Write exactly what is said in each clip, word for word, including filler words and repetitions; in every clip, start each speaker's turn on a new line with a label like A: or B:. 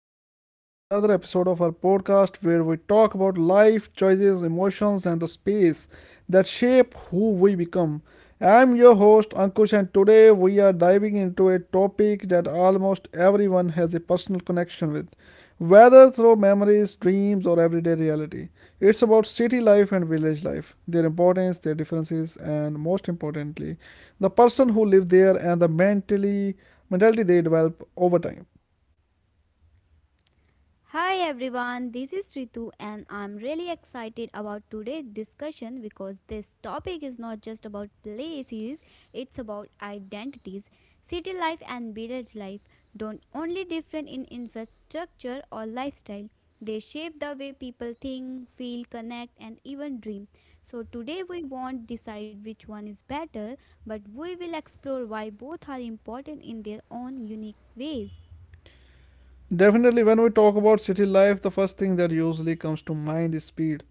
A: welcome back to another episode of our podcast where we talk about life, choices, emotions, and the space that shape who we become. I'm your host, Ankush, and today we are diving into a topic that almost everyone has a personal connection with, whether through memories, dreams, or everyday reality. It's about city life and village life, their importance, their differences, and most importantly, the person who lives there and the mentally mentality they develop over time.
B: Hi everyone, this is Ritu and I'm really excited about today's discussion because this topic is not just about places, it's about identities. City life and village life don't only differ in infrastructure or lifestyle. They shape the way people think, feel, connect and even dream. So today we won't decide which one is better, but we will explore why both are important in their own unique ways.
A: Definitely, when we talk about city life, the first thing that usually comes to mind is speed.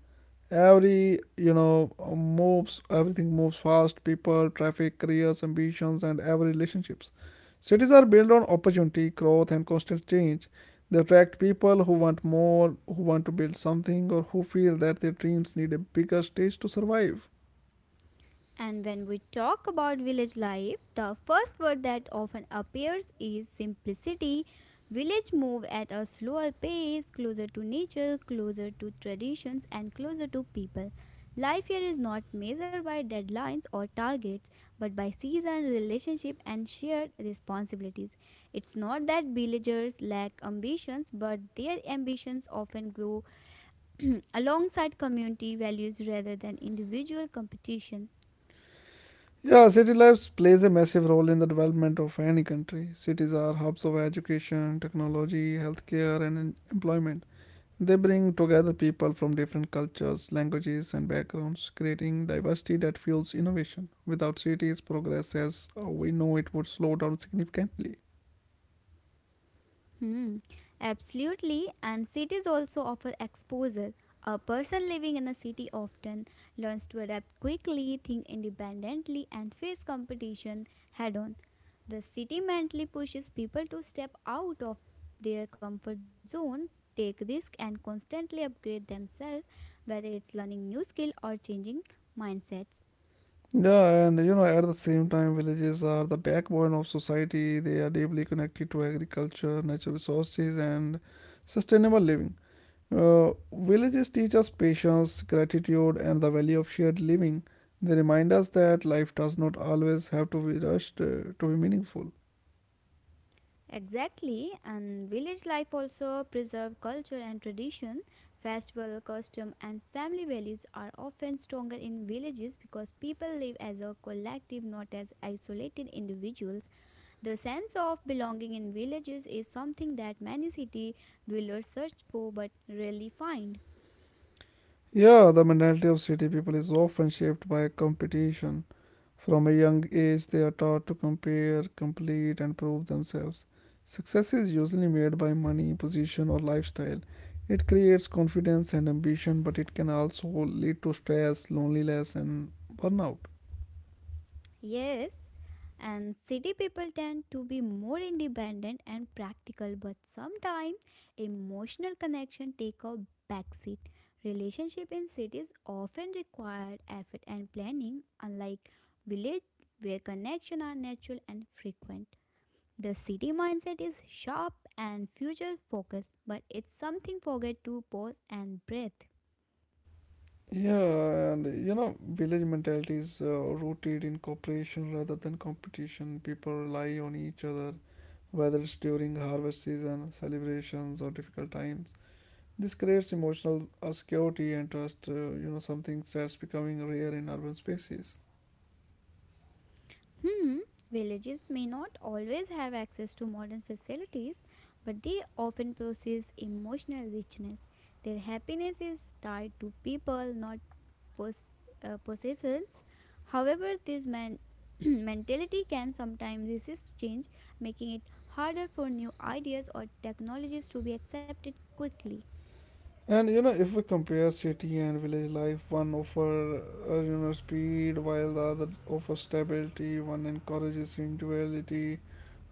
A: Every, you know, moves, everything moves fast people, traffic, careers, ambitions, and every relationships. Cities are built on opportunity, growth, and constant change. They attract people who want more, who want to build something, or who feel that their dreams need a bigger stage to survive.
B: And when we talk about village life, the first word that often appears is simplicity. Village move at a slower pace, closer to nature, closer to traditions, and closer to people. Life here is not measured by deadlines or targets, but by season, relationship, and shared responsibilities. It's not that villagers lack ambitions, but their ambitions often grow alongside community values rather than individual competition.
A: Yeah, city life plays a massive role in the development of any country. Cities are hubs of education, technology, healthcare, and en- employment. They bring together people from different cultures, languages, and backgrounds, creating diversity that fuels innovation. Without cities, progress as uh, we know it would slow down significantly.
B: Hmm, absolutely. And cities also offer exposure. A person living in a city often learns to adapt quickly, think independently, and face competition head on. The city mentally pushes people to step out of their comfort zone, take risks, and constantly upgrade themselves, whether it's learning new skill or changing mindsets.
A: Yeah, and you know, at the same time, villages are the backbone of society. They are deeply connected to agriculture, natural resources, and sustainable living. Uh, villages teach us patience, gratitude, and the value of shared living. They remind us that life does not always have to be rushed uh, to be meaningful.
B: Exactly, and village life also preserve culture and tradition. Festival, custom, and family values are often stronger in villages because people live as a collective, not as isolated individuals. The sense of belonging in villages is something that many city dwellers search for but rarely find.
A: Yeah, the mentality of city people is often shaped by competition. From a young age, they are taught to compare, complete, and prove themselves. Success is usually made by money, position, or lifestyle. It creates confidence and ambition, but it can also lead to stress, loneliness, and burnout.
B: Yes, and city people tend to be more independent and practical, but sometimes emotional connection take a backseat. Relationship in cities often require effort and planning, unlike village where connections are natural and frequent. The city mindset is sharp and future focused, but it's something forget to pause and breathe.
A: Yeah, and you know, village mentality is uh, rooted in cooperation rather than competition. People rely on each other, whether it's during harvest season, celebrations, or difficult times. This creates emotional uh, security and trust, uh, you know, something that's becoming rare in urban spaces.
B: Hmm, villages may not always have access to modern facilities, but they often possess emotional richness. Their happiness is tied to people, not pos- uh, possessions. However, this man- mentality can sometimes resist change, making it harder for new ideas or technologies to be accepted quickly.
A: And you know, if we compare city and village life, one offers uh, you know speed, while the other offers stability. One encourages individuality,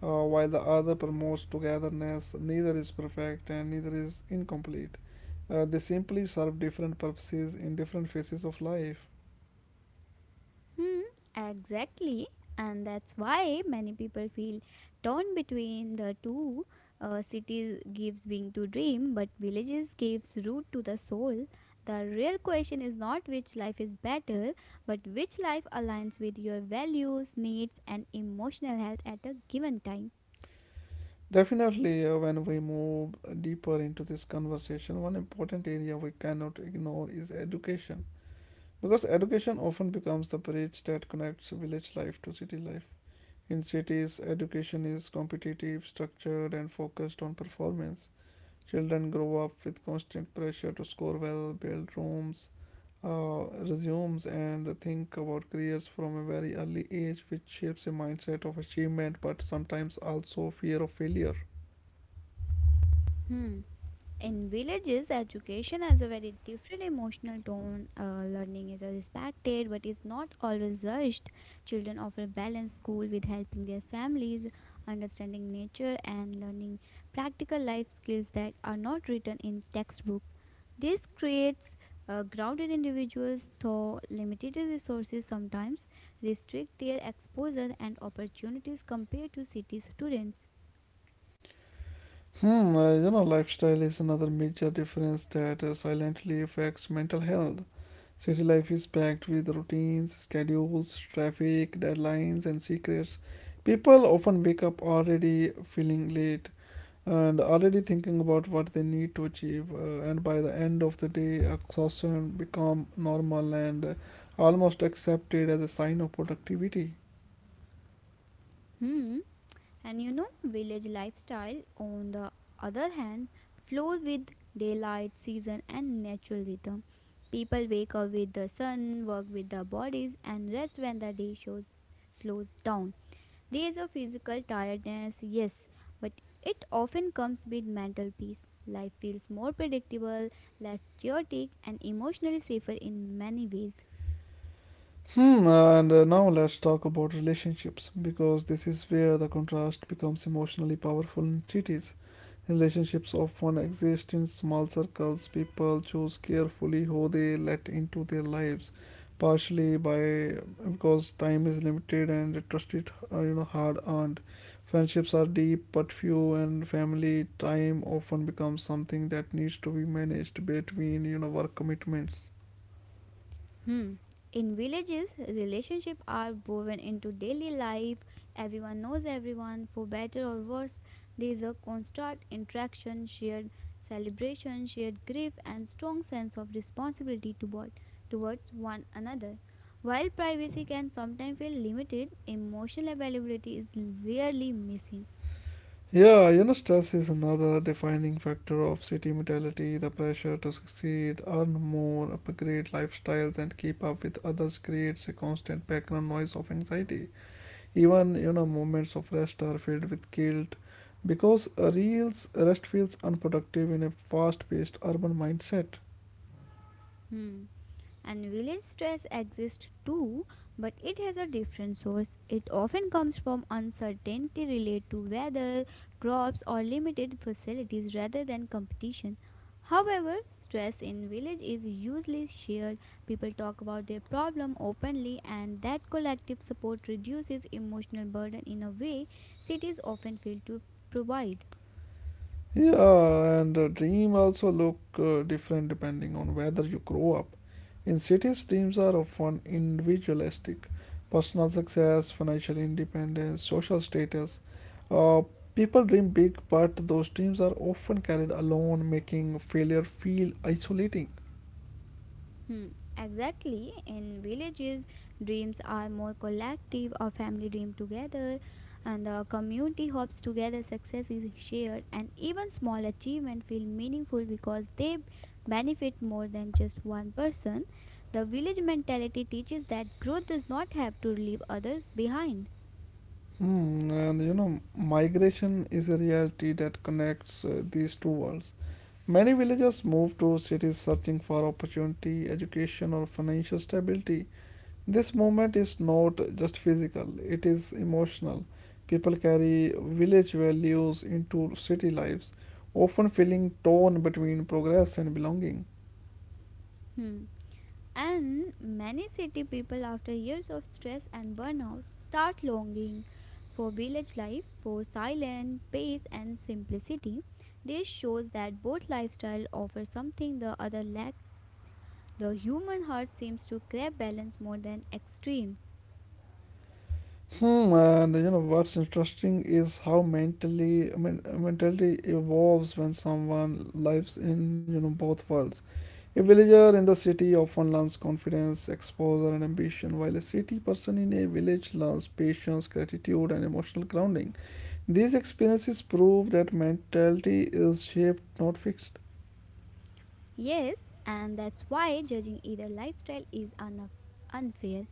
A: uh, while the other promotes togetherness. Neither is perfect, and neither is incomplete. Uh, they simply serve different purposes in different phases of life.
B: Hmm, exactly. And that's why many people feel torn between the two. Uh, cities gives wing to dream, but villages gives root to the soul. The real question is not which life is better, but which life aligns with your values, needs, and emotional health at a given time.
A: Definitely, uh, when we move deeper into this conversation, one important area we cannot ignore is education. Because education often becomes the bridge that connects village life to city life. In cities, education is competitive, structured, and focused on performance. Children grow up with constant pressure to score well, build rooms, uh, resumes, and think about careers from a very early age, which shapes a mindset of achievement but sometimes also fear of failure.
B: Hmm. In villages, education has a very different emotional tone. Uh, learning is respected but is not always rushed. Children often balance school with helping their families, understanding nature, and learning practical life skills that are not written in textbook. This creates uh, grounded individuals, though limited resources sometimes restrict their exposure and opportunities compared to city students.
A: Hmm, uh, you know, lifestyle is another major difference that uh, silently affects mental health. City life is packed with routines, schedules, traffic, deadlines, and secrets. People often wake up already feeling late and already thinking about what they need to achieve. Uh, and by the end of the day, exhaustion become normal and uh, almost accepted as a sign of productivity.
B: Hmm. And you know, village lifestyle, on the other hand, flows with daylight, season, and natural rhythm. People wake up with the sun, work with their bodies, and rest when the day shows, slows down. There is a physical tiredness, yes, but it often comes with mental peace. Life feels more predictable, less chaotic, and emotionally safer in many ways.
A: Hmm, and uh, now let's talk about relationships because this is where the contrast becomes emotionally powerful in cities. Relationships often exist in small circles. People choose carefully who they let into their lives, partially by because time is limited and trust is uh, you know hard earned. Friendships are deep but few, and family time often becomes something that needs to be managed between you know work commitments.
B: Hmm. In villages, relationships are woven into daily life. Everyone knows everyone, for better or worse. There is a constant interaction, shared celebration, shared grief, and strong sense of responsibility toward, towards one another. While privacy can sometimes feel limited, emotional availability is rarely missing.
A: Yeah, you know, stress is another defining factor of city mentality. The pressure to succeed, earn more, upgrade lifestyles, and keep up with others creates a constant background noise of anxiety. Even, you know, moments of rest are filled with guilt because a real rest feels unproductive in a fast paced urban mindset.
B: Hmm. And village stress exists too, but it has a different source. It often comes from uncertainty related to weather, crops, or limited facilities rather than competition. However, stress in village is usually shared. People talk about their problem openly and that collective support reduces emotional burden in a way cities often fail to provide.
A: Yeah, and uh, dream also look uh, different depending on whether you grow up. In cities, dreams are often individualistic. Personal success, financial independence, social status. Uh, People dream big, but those dreams are often carried alone, making failure feel isolating.
B: Hmm, exactly. In villages, dreams are more collective, a family dream together, and the community hopes together, success is shared, and even small achievements feel meaningful because they benefit more than just one person. The village mentality teaches that growth does not have to leave others behind.
A: Hmm, and you know, migration is a reality that connects uh, these two worlds. Many villagers move to cities searching for opportunity, education, or financial stability. This movement is not just physical, it is emotional. People carry village values into city lives, often feeling torn between progress and belonging.
B: Hmm. And many city people, after years of stress and burnout, start longing for village life, for silence, pace, and simplicity. This shows that both lifestyle offer something the other lack. The human heart seems to crave balance more than extreme.
A: Hmm, and you know what's interesting is how mentally men- mentality evolves when someone lives in you know both worlds. A villager in the city often learns confidence, exposure, and ambition, while a city person in a village learns patience, gratitude, and emotional grounding. These experiences prove that mentality is shaped, not fixed.
B: Yes, and that's why judging either lifestyle is unf- unfair.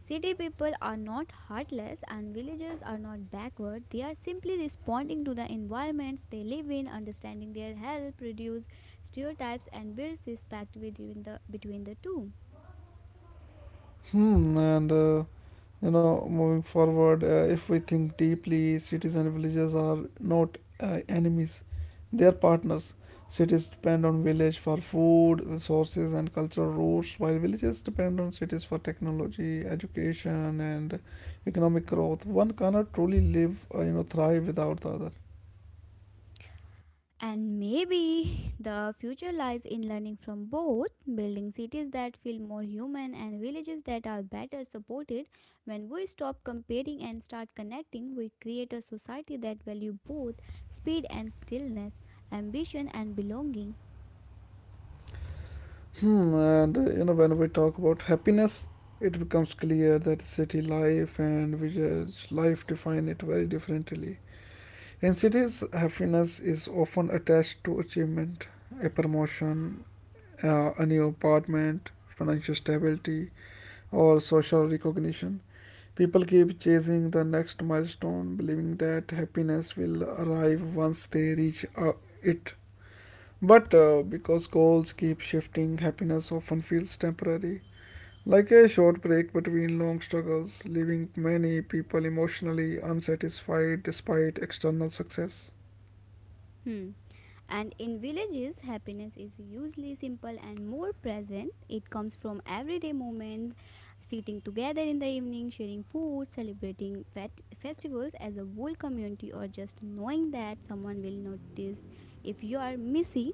B: City people are not heartless and villagers are not backward. They are simply responding to the environments they live in, understanding their help, reduce stereotypes, and builds respect between the, between the two.
A: Hmm, and uh, you know, moving forward, uh, if we think deeply, cities and villages are not uh, enemies; they are partners. Cities depend on village for food, resources, and cultural roots, while villages depend on cities for technology, education, and economic growth. One cannot truly live, uh, you know, thrive without the other.
B: And maybe the future lies in learning from both, building cities that feel more human and villages that are better supported. When we stop comparing and start connecting, we create a society that values both speed and stillness, ambition and belonging.
A: Hmm, and uh, you know, when we talk about happiness, it becomes clear that city life and we judge life define it very differently. In cities, happiness is often attached to achievement, a promotion, uh, a new apartment, financial stability, or social recognition. People keep chasing the next milestone, believing that happiness will arrive once they reach uh, it. But uh, because goals keep shifting, happiness often feels temporary. Like a short break between long struggles, leaving many people emotionally unsatisfied despite external success.
B: Hmm. And in villages, happiness is usually simple and more present. It comes from everyday moments, sitting together in the evening, sharing food, celebrating fet- festivals as a whole community, or just knowing that someone will notice if you are missing.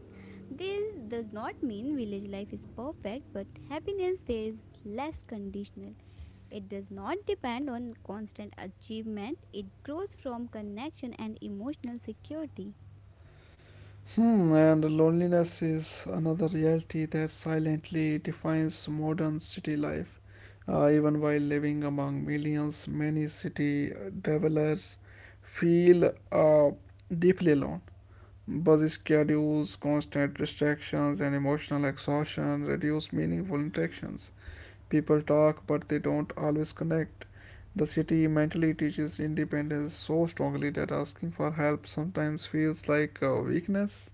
B: This does not mean village life is perfect, but happiness there is less conditional. It does not depend on constant achievement, it grows from connection and emotional security.
A: Hmm, and loneliness is another reality that silently defines modern city life. Uh, even while living among millions, many city dwellers feel uh, deeply alone. Busy schedules, constant distractions, and emotional exhaustion reduce meaningful interactions. People talk, but they don't always connect. The city mentally teaches independence so strongly that asking for help sometimes feels like a weakness.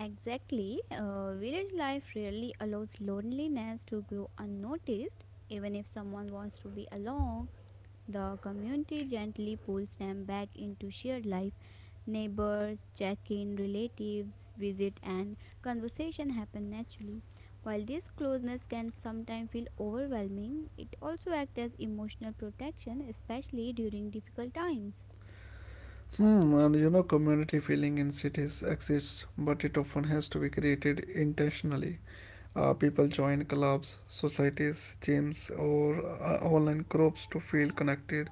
B: Exactly. Uh, village life rarely allows loneliness to go unnoticed. Even if someone wants to be alone, the community gently pulls them back into shared life. Neighbors, check in, relatives, visit, and conversation happen naturally. While this closeness can sometimes feel overwhelming, it also acts as emotional protection, especially during difficult times.
A: Hmm, and you know, community feeling in cities exists, but it often has to be created intentionally. Uh, people join clubs, societies, gyms, or uh, online groups to feel connected.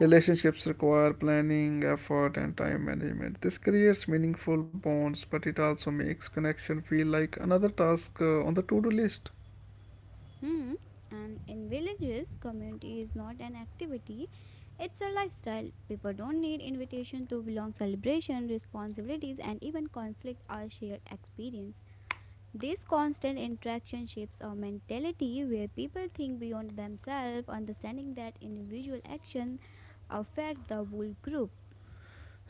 A: Relationships require planning, effort, and time management. This creates meaningful bonds, but it also makes connection feel like another task uh, on the to do list.
B: Hmm. And in villages, community is not an activity, it's a lifestyle. People don't need invitation to belong. Celebration, responsibilities, and even conflict are shared experience. This constant interaction shapes a mentality where people think beyond themselves, understanding that individual action affect the whole group.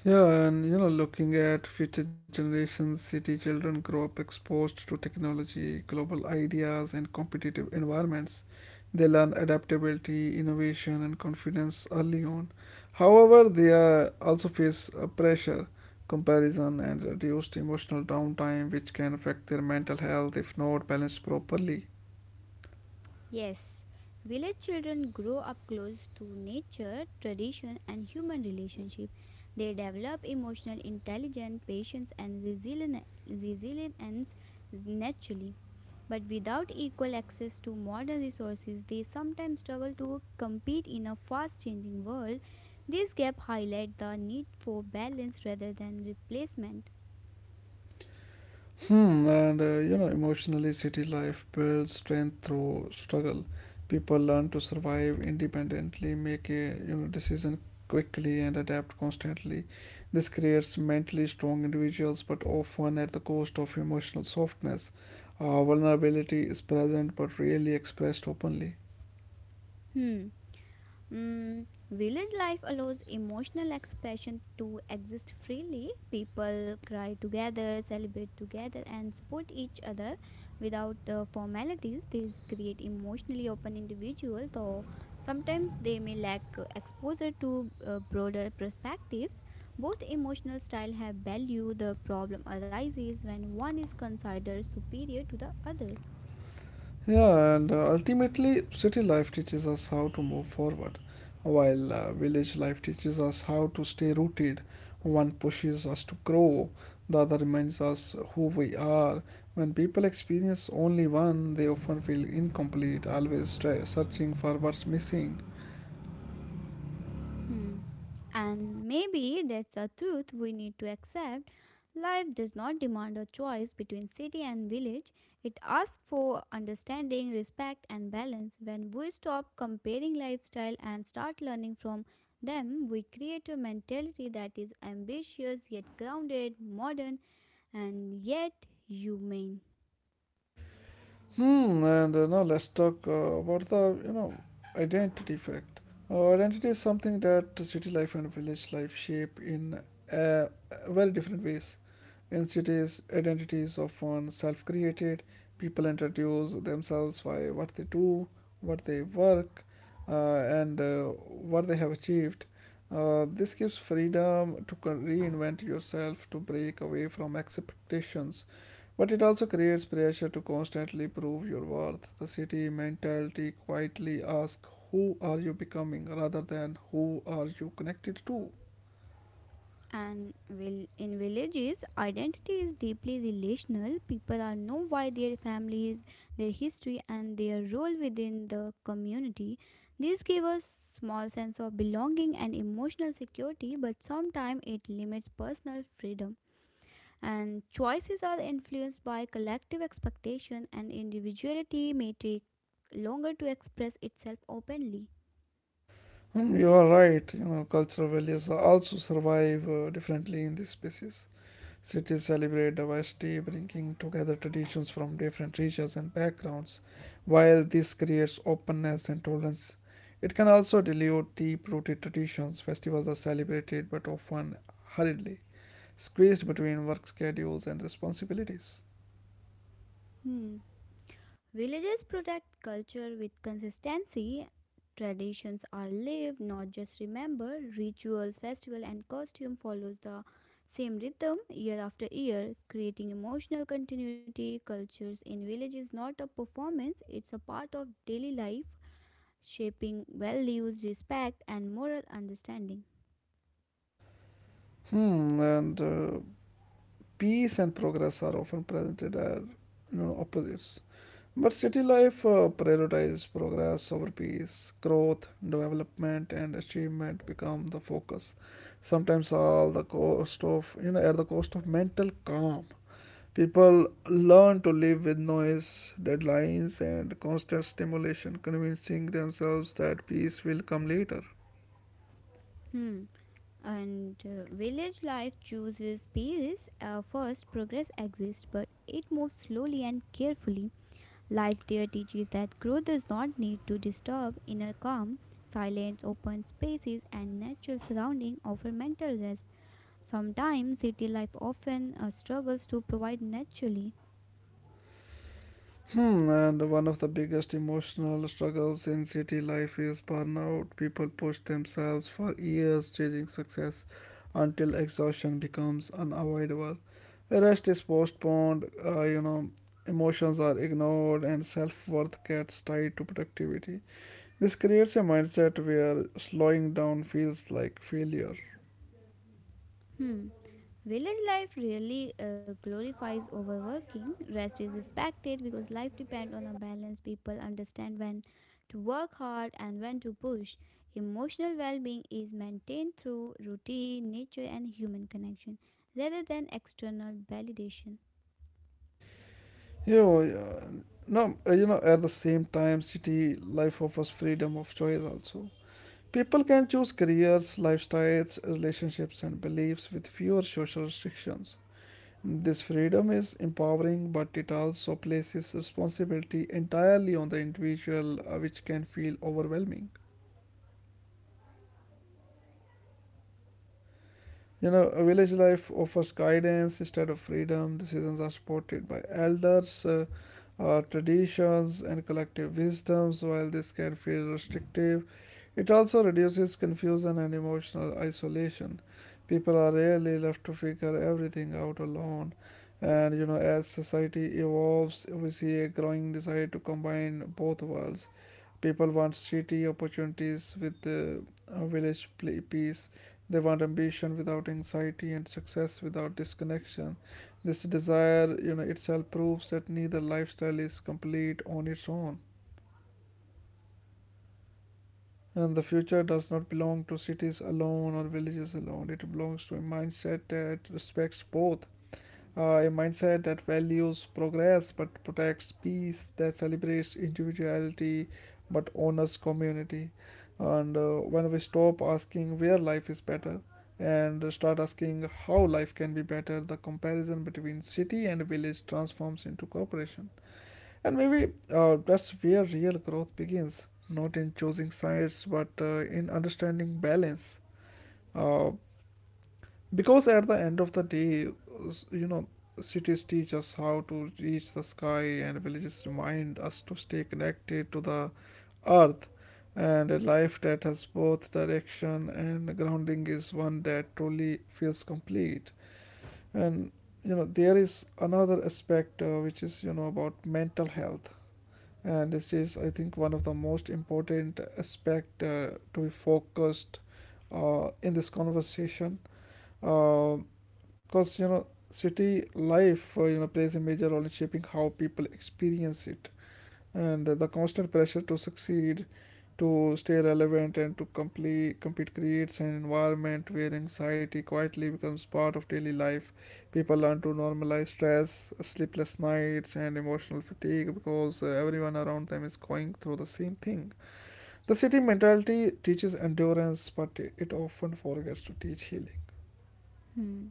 A: Yeah, and you know, looking at future generations, city children grow up exposed to technology, global ideas, and competitive environments. They learn adaptability, innovation, and confidence early on. However, they uh, also face uh, pressure, comparison, and reduced emotional downtime, which can affect their mental health if not balanced properly.
B: Yes, village children grow up close to nature, tradition, and human relationship. They develop emotional intelligence, patience, and resilien- resilience naturally. But without equal access to modern resources, they sometimes struggle to compete in a fast changing world. This gap highlights the need for balance rather than replacement.
A: Hmm, and uh, you know, emotionally, city life builds strength through struggle. People learn to survive independently, make a you know decision quickly, and adapt constantly. This creates mentally strong individuals, but often at the cost of emotional softness. Uh, vulnerability is present but rarely expressed openly.
B: Hmm. Mm, village life allows emotional expression to exist freely. People cry together, celebrate together, and support each other without uh, formalities. These create emotionally open individuals, though sometimes they may lack uh, exposure to uh, broader perspectives. Both emotional style have value. The problem arises when one is considered superior to the other.
A: Yeah, and uh, ultimately, city life teaches us how to move forward, while uh, village life teaches us how to stay rooted. One pushes us to grow, the other reminds us who we are. When people experience only one, they often feel incomplete, always try searching for what's missing.
B: Hmm. And maybe that's a truth we need to accept. Life does not demand a choice between city and village. It asks for understanding, respect, and balance. When we stop comparing lifestyle and start learning from them, we create a mentality that is ambitious yet grounded, modern, and yet humane.
A: Hmm, and uh, now let's talk uh, about the you know identity fact. Uh, identity is something that city life and village life shape in uh, very different ways. In cities, identity is often self created. People introduce themselves by what they do, what they work, uh, and uh, what they have achieved. Uh, this gives freedom to co- reinvent yourself, to break away from expectations. But it also creates pressure to constantly prove your worth. The city mentality quietly asks, Who are you becoming rather than who are you connected to?
B: And will in villages, identity is deeply relational. People are know why their families, their history, and their role within the community. This gives us small sense of belonging and emotional security, but sometimes it limits personal freedom. And choices are influenced by collective expectation, and individuality may take longer to express itself openly.
A: Hmm, you are right. You know, cultural values also survive uh, differently in these spaces. Cities celebrate diversity, bringing together traditions from different regions and backgrounds. While this creates openness and tolerance, it can also dilute deep-rooted traditions. Festivals are celebrated, but often hurriedly, squeezed between work schedules and responsibilities.
B: Hmm. Villages protect culture with consistency. Traditions are lived, not just remembered. Rituals, festival, and costume follows the same rhythm year after year, creating emotional continuity. Cultures in village is not a performance; it's a part of daily life, shaping values, respect, and moral understanding.
A: Hmm, and uh, peace and progress are often presented as you know opposites. But city life uh, prioritizes progress over peace, growth, development, and achievement become the focus. Sometimes all the cost of you know at the cost of mental calm. People learn to live with noise, deadlines, and constant stimulation, convincing themselves that peace will come later.
B: Hmm. And uh, village life chooses peace. Uh, first, progress exists, but it moves slowly and carefully. Life there teaches that growth does not need to disturb inner calm, silence, open spaces, and natural surrounding offer mental rest. Sometimes city life often uh, struggles to provide naturally.
A: Hmm, and one of the biggest emotional struggles in city life is burnout. People push themselves for years chasing success until exhaustion becomes unavoidable. Rest is postponed, uh, you know, emotions are ignored, and self worth gets tied to productivity. This creates a mindset where slowing down feels like failure.
B: Hmm. Village life really uh, glorifies overworking. Rest is expected because life depends on a balance. People understand when to work hard and when to push. Emotional well being is maintained through routine, nature, and human connection rather than external validation.
A: You know, uh, no, uh, you know, at the same time, city life offers freedom of choice also. People can choose careers, lifestyles, relationships, and beliefs with fewer social restrictions. This freedom is empowering, but it also places responsibility entirely on the individual, uh, which can feel overwhelming. You know, a village life offers guidance instead of freedom. Decisions are supported by elders, uh, uh, traditions, and collective wisdoms, while this can feel restrictive. It also reduces confusion and emotional isolation. People are rarely left to figure everything out alone. And you know, as society evolves, we see a growing desire to combine both worlds. People want city opportunities with the uh, village pl- peace. They want ambition without anxiety and success without disconnection. This desire, you know, itself proves that neither lifestyle is complete on its own. And the future does not belong to cities alone or villages alone. It belongs to a mindset that respects both. Uh, a mindset that values progress but protects peace, that celebrates individuality but honors community. And uh, when we stop asking where life is better and start asking how life can be better, the comparison between city and village transforms into cooperation. And maybe uh, that's where real growth begins, not in choosing sides but uh, in understanding balance. Uh, because at the end of the day, s- you know cities teach us how to reach the sky, and villages remind us to stay connected to the earth. And a life that has both direction and grounding is one that truly feels complete. And you know, there is another aspect, uh, which is, you know, about mental health. And this is, I think, one of the most important aspect uh, to be focused uh, in this conversation, uh, because, you know, city life, uh, you know, plays a major role in shaping how people experience it. And the constant pressure to succeed, to stay relevant, and to complete compete creates an environment where anxiety quietly becomes part of daily life. People learn to normalize stress, sleepless nights, and emotional fatigue because uh, everyone around them is going through the same thing. The city mentality teaches endurance, but it often forgets to teach healing.
B: Hmm.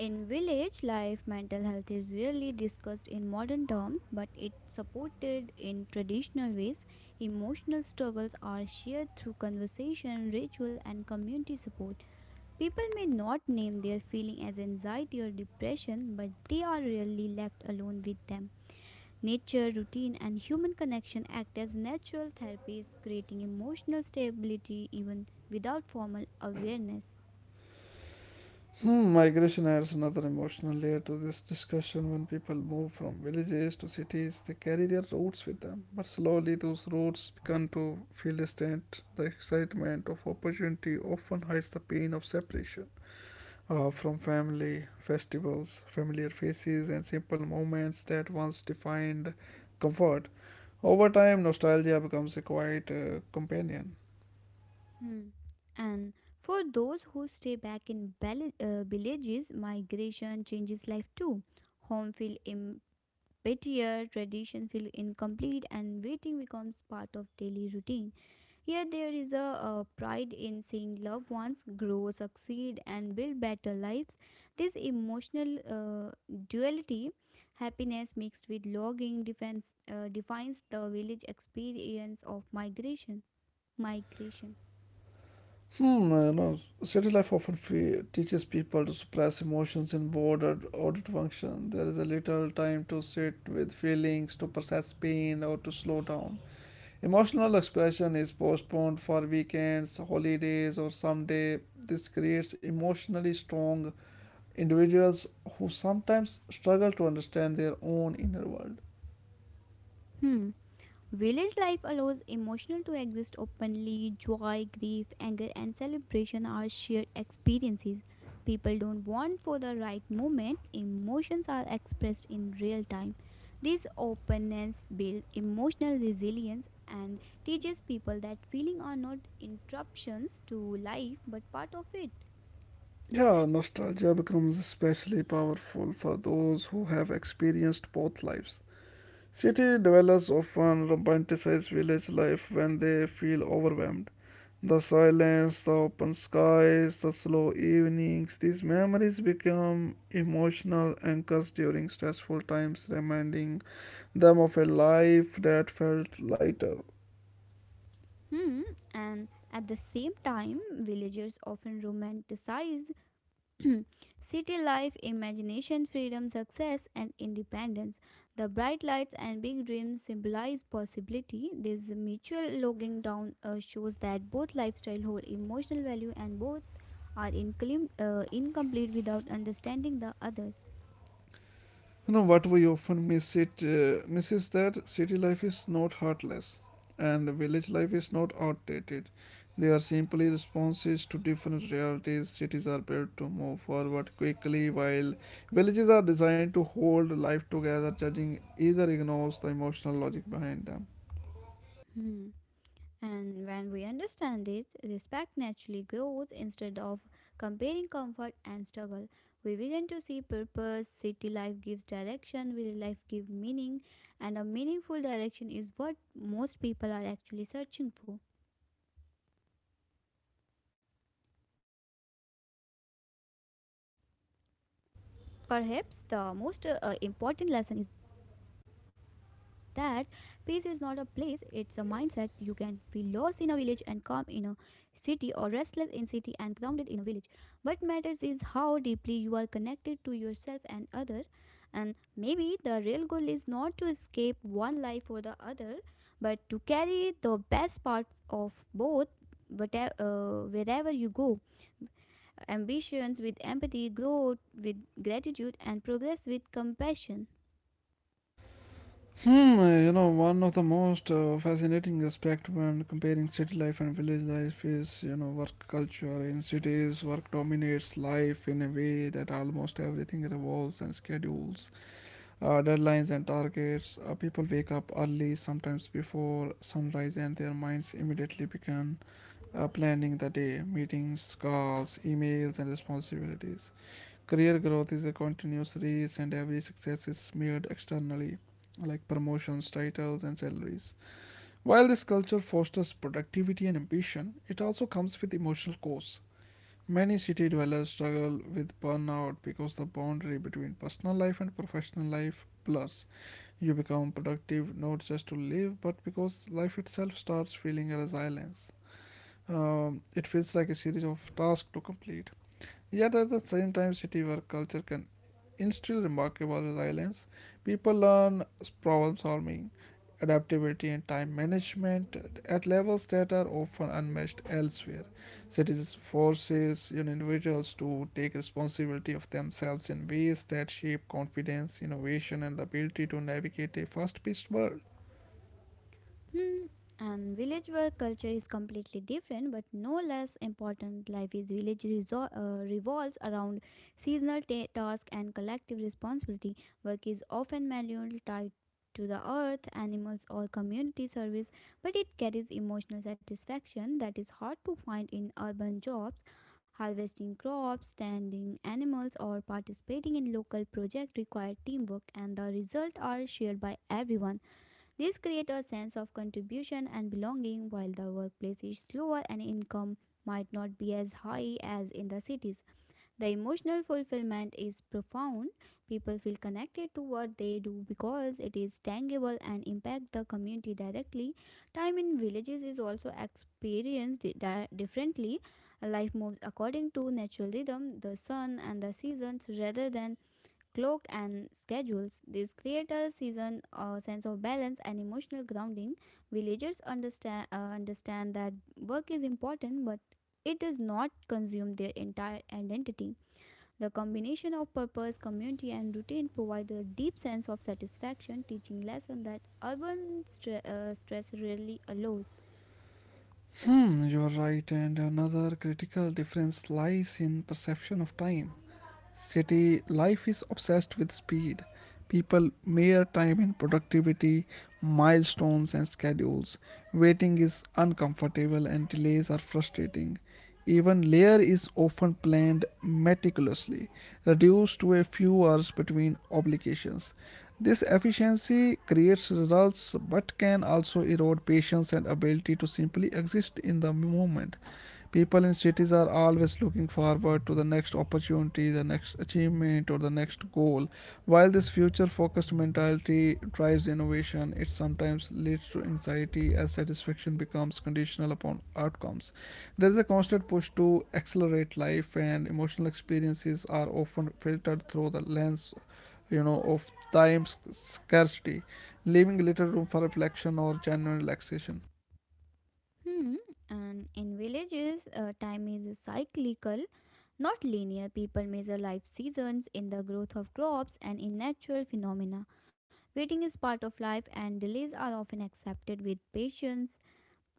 B: In village life, mental health is rarely discussed in modern terms, but it's supported in traditional ways. Emotional struggles are shared through conversation, ritual, and community support. People may not name their feeling as anxiety or depression, but they are rarely left alone with them. Nature, routine, and human connection act as natural therapies, creating emotional stability even without formal awareness.
A: Hmm, migration adds another emotional layer to this discussion. When people move from villages to cities, they carry their roots with them. But slowly, those roots begin to feel distant. The excitement of opportunity often hides the pain of separation uh, from family, festivals, familiar faces, and simple moments that once defined comfort. Over time, nostalgia becomes a quiet uh, companion.
B: Hmm. And for those who stay back in bal- uh, villages, migration changes life too. Home feel emptier, tradition feel incomplete, and waiting becomes part of daily routine. Here, there is a, uh pride in seeing loved ones grow, succeed, and build better lives. This emotional uh, duality, happiness mixed with longing, defense, uh, defines the village experience of migration. Migration.
A: Hmm, you know, city life often fe- teaches people to suppress emotions in board or audit function. There is a little time to sit with feelings, to process pain, or to slow down. Emotional expression is postponed for weekends, holidays, or someday. This creates emotionally strong individuals who sometimes struggle to understand their own inner world.
B: Hmm. Village life allows emotional to exist openly. Joy, grief, anger, and celebration are shared experiences. People don't want for the right moment. Emotions are expressed in real time. This openness builds emotional resilience and teaches people that feelings are not interruptions to life but part of it.
A: Yeah, nostalgia becomes especially powerful for those who have experienced both lives. City dwellers often romanticize village life when they feel overwhelmed. The silence, the open skies, the slow evenings, these memories become emotional anchors during stressful times, reminding them of a life that felt lighter.
B: Hmm, and at the same time, villagers often romanticize city life, imagination, freedom, success, and independence. The bright lights and big dreams symbolize possibility. This mutual logging down uh, shows that both lifestyle hold emotional value and both are inclim- uh, incomplete without understanding the other.
A: You know what we often miss it uh, miss is that city life is not heartless, and village life is not outdated. They are simply responses to different realities. Cities are built to move forward quickly, while villages are designed to hold life together. Judging either ignores the emotional logic behind them.
B: Hmm. And when we understand this, respect naturally grows instead of comparing comfort and struggle. We begin to see purpose, city life gives direction, village life gives meaning, and a meaningful direction is what most people are actually searching for. Perhaps the most uh, uh, important lesson is that peace is not a place, it's a mindset. You can feel lost in a village and calm in a city or restless in city and grounded in a village. What matters is how deeply you are connected to yourself and other and maybe the real goal is not to escape one life for the other but to carry the best part of both whatever, uh, wherever you go ambitions with empathy, growth with gratitude, and progress with compassion.
A: Hmm, uh, you know, one of the most uh, fascinating aspect when comparing city life and village life is, you know, work culture. In cities, work dominates life in a way that almost everything revolves and schedules, uh, deadlines, and targets. Uh, people wake up early, sometimes before sunrise, and their minds immediately begin uh, planning the day, meetings, calls, emails, and responsibilities. Career growth is a continuous race, and every success is measured externally, like promotions, titles, and salaries. While this culture fosters productivity and ambition, it also comes with emotional costs. Many city dwellers struggle with burnout because the boundary between personal life and professional life blurs. You become productive not just to live, but because life itself starts feeling a resilience. Um, it feels like a series of tasks to complete. Yet at the same time, city work culture can still remarkable resilience. People learn problem solving, adaptability, and time management at levels that are often unmatched elsewhere. Cities forces, you know, individuals to take responsibility of themselves in ways that shape confidence, innovation, and the ability to navigate a fast-paced world.
B: Hmm. And village work culture is completely different, but no less important. Life is village resor- uh, revolves around seasonal ta- tasks and collective responsibility. Work is often manual, tied to the earth, animals, or community service, but it carries emotional satisfaction that is hard to find in urban jobs. Harvesting crops, standing animals, or participating in local projects require teamwork, and the results are shared by everyone. This creates a sense of contribution and belonging while the workplace is slower and income might not be as high as in the cities. The emotional fulfillment is profound. People feel connected to what they do because it is tangible and impacts the community directly. Time in villages is also experienced di- differently. Life moves according to natural rhythm, the sun and the seasons rather than clock and schedules. This creates a season uh, sense of balance and emotional grounding. Villagers understand uh, Understand that work is important, but it does not consume their entire identity. The combination of purpose, community, and routine provides a deep sense of satisfaction, teaching lesson that urban stre- uh, stress rarely allows.
A: Hmm, you are right, and another critical difference lies in perception of time. City life is obsessed with speed. People mere time in productivity, milestones, and schedules. Waiting is uncomfortable and delays are frustrating. Even layer is often planned meticulously, reduced to a few hours between obligations. This efficiency creates results but can also erode patience and ability to simply exist in the moment. People in cities are always looking forward to the next opportunity, the next achievement, or the next goal. While this future focused mentality drives innovation, it sometimes leads to anxiety as satisfaction becomes conditional upon outcomes. There is a constant push to accelerate life, and emotional experiences are often filtered through the lens, you know, of time sc- scarcity, leaving little room for reflection or genuine relaxation.
B: Hmm. And in villages, uh, time is cyclical, not linear. People measure life seasons in the growth of crops and in natural phenomena. Waiting is part of life, and delays are often accepted with patience.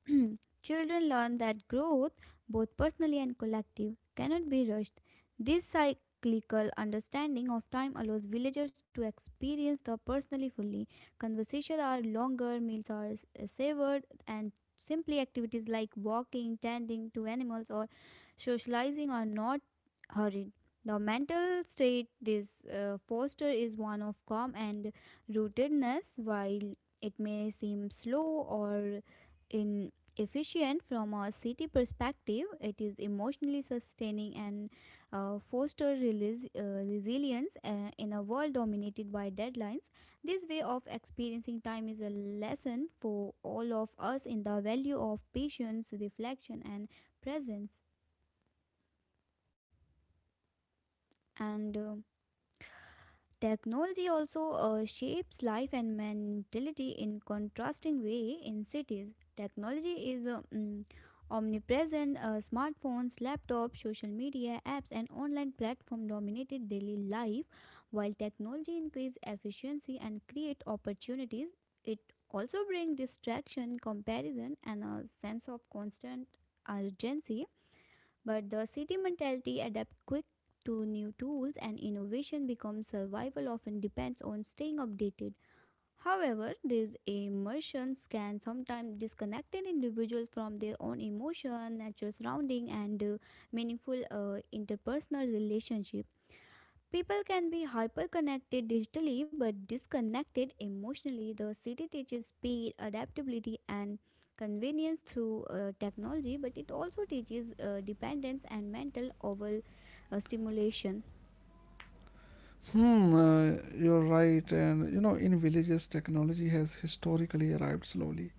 B: Children learn that growth, both personally and collective, cannot be rushed. This cyclical understanding of time allows villagers to experience the personally fully. Conversations are longer, meals are s- savored, and simply activities like walking, tending to animals, or socializing are not hurried. The mental state this uh, foster is one of calm and rootedness, while it may seem slow or inefficient from a city perspective. It is emotionally sustaining and uh, foster relis- uh, resilience uh, in a world dominated by deadlines. This way of experiencing time is a lesson for all of us in the value of patience, reflection, and presence. And um technology also uh, shapes life and mentality in contrasting way in cities. Technology is uh, mm, omnipresent. Uh, smartphones, laptops, social media apps, and online platform dominated daily life. While technology increase efficiency and create opportunities, it also brings distraction, comparison, and a sense of constant urgency, but the city mentality adapts quick to new tools and innovation becomes survival often depends on staying updated. However, these immersions can sometimes disconnect an individual from their own emotion, natural surrounding, and uh, meaningful uh, interpersonal relationship. People can be hyper-connected digitally but disconnected emotionally. The city teaches speed, adaptability, and convenience through uh, technology, but it also teaches uh, dependence and mental over uh, stimulation.
A: Hmm, uh, you're right. And you know, in villages, technology has historically arrived slowly,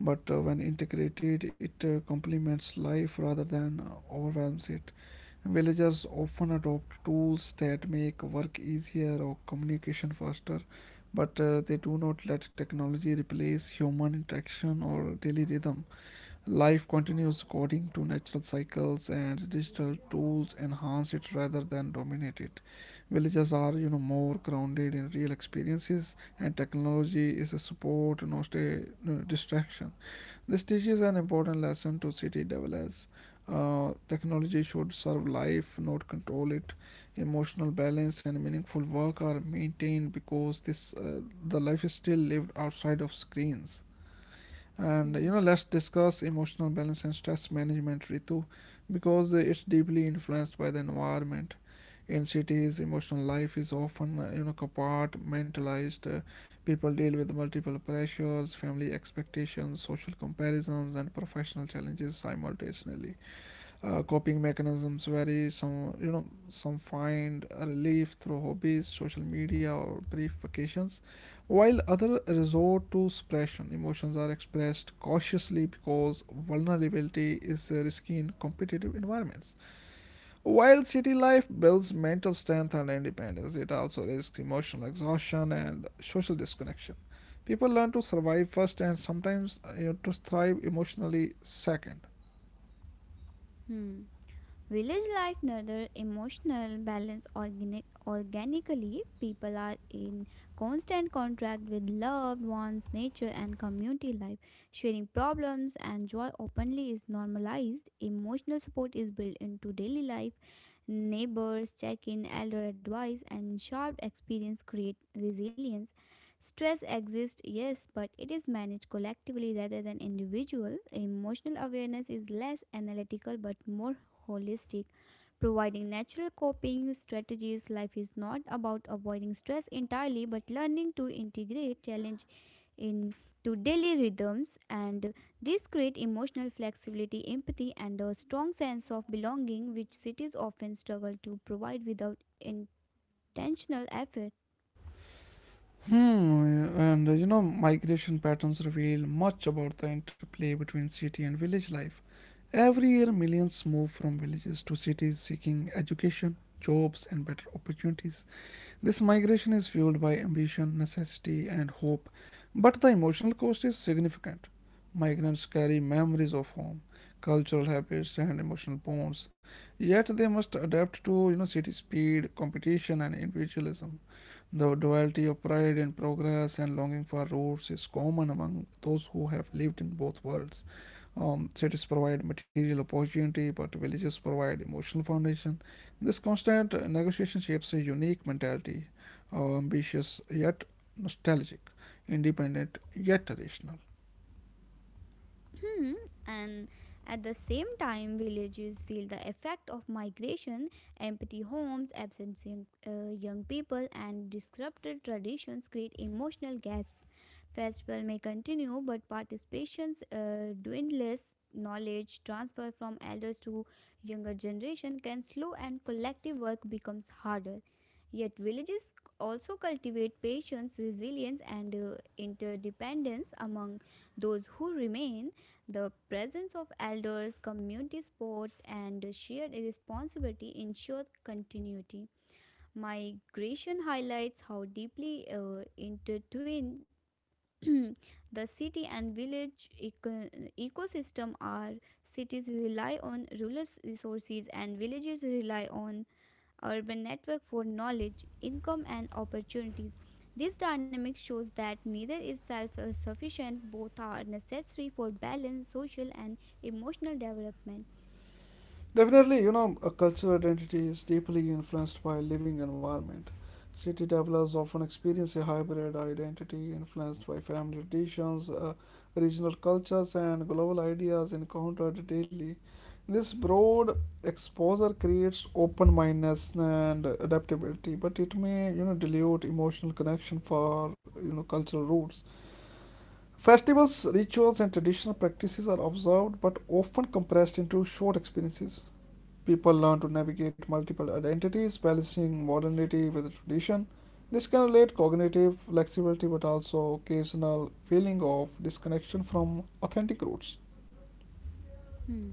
A: but uh, when integrated, it uh, complements life rather than uh, overwhelms it. Villagers often adopt tools that make work easier or communication faster, but uh, they do not let technology replace human interaction or daily rhythm. Life continues according to natural cycles, and digital tools enhance it rather than dominate it. Villagers are, you know, more grounded in real experiences, and technology is a support, not a uh, distraction. This teaches an important lesson to city developers. Uh, technology should serve life, not control it. Emotional balance and meaningful work are maintained because this uh, the life is still lived outside of screens. And
B: Hmm.
A: you know, let's discuss emotional balance and stress management, Ritu, because uh, it's deeply influenced by the environment. In cities, emotional life is often uh, you know, compartmentalized. Uh, people deal with multiple pressures, family expectations, social comparisons, and professional challenges simultaneously. Uh, coping mechanisms vary. Some, you know, some find a relief through hobbies, social media, or brief vacations, while others resort to suppression. Emotions are expressed cautiously because vulnerability is uh, risky in competitive environments. While city life builds mental strength and independence, it also risks emotional exhaustion and social disconnection. People learn to survive first and sometimes, uh, you know, to thrive emotionally second.
B: Hmm. Village life nurture emotional balance organic, organically. People are in constant contact with loved ones, nature, and community life. Sharing problems and joy openly is normalized. Emotional support is built into daily life. Neighbors check in, elder advice, and shared experience create resilience. Stress exists, yes, but it is managed collectively rather than individual. Emotional awareness is less analytical but more holistic, providing natural coping strategies. Life is not about avoiding stress entirely, but learning to integrate challenge into daily rhythms. And this creates emotional flexibility, empathy, and a strong sense of belonging, which cities often struggle to provide without intentional effort.
A: Hmm, and uh, you know, migration patterns reveal much about the interplay between city and village life. Every year, millions move from villages to cities seeking education, jobs, and better opportunities. This migration is fueled by ambition, necessity, and hope, but the emotional cost is significant. Migrants carry memories of home, cultural habits, and emotional bonds, yet they must adapt to, you know, city speed, competition, and individualism. The duality of pride in progress and longing for roots is common among those who have lived in both worlds. Um, cities provide material opportunity, but villages provide emotional foundation. This constant negotiation shapes a unique mentality, uh, ambitious yet nostalgic, independent yet rational.
B: Hmm, and at the same time, villages feel the effect of migration, empty homes, absent young, uh, young people, and disrupted traditions create emotional gaps. Festival may continue, but participations uh, dwindles. Knowledge transfer from elders to younger generation can slow, and collective work becomes harder. Yet villages also cultivate patience, resilience, and uh, interdependence among those who remain. The presence of elders, community support, and shared responsibility ensure continuity. Migration highlights how deeply uh, intertwined the city and village eco- ecosystem are. Cities rely on rural resources and villages rely on urban network for knowledge income and opportunities. This dynamic shows that neither is self sufficient, both are necessary for balanced social and emotional development.
A: Definitely, you know, a cultural identity is deeply influenced by living environment. City dwellers often experience a hybrid identity influenced by family traditions, uh, regional cultures, and global ideas encountered daily. This broad exposure creates open-mindedness and adaptability, but it may, you know, dilute emotional connection for, you know, cultural roots. Festivals, rituals, and traditional practices are observed but often compressed into short experiences. People learn to navigate multiple identities, balancing modernity with tradition. This can relate cognitive flexibility but also occasional feeling of disconnection from authentic roots.
B: Hmm.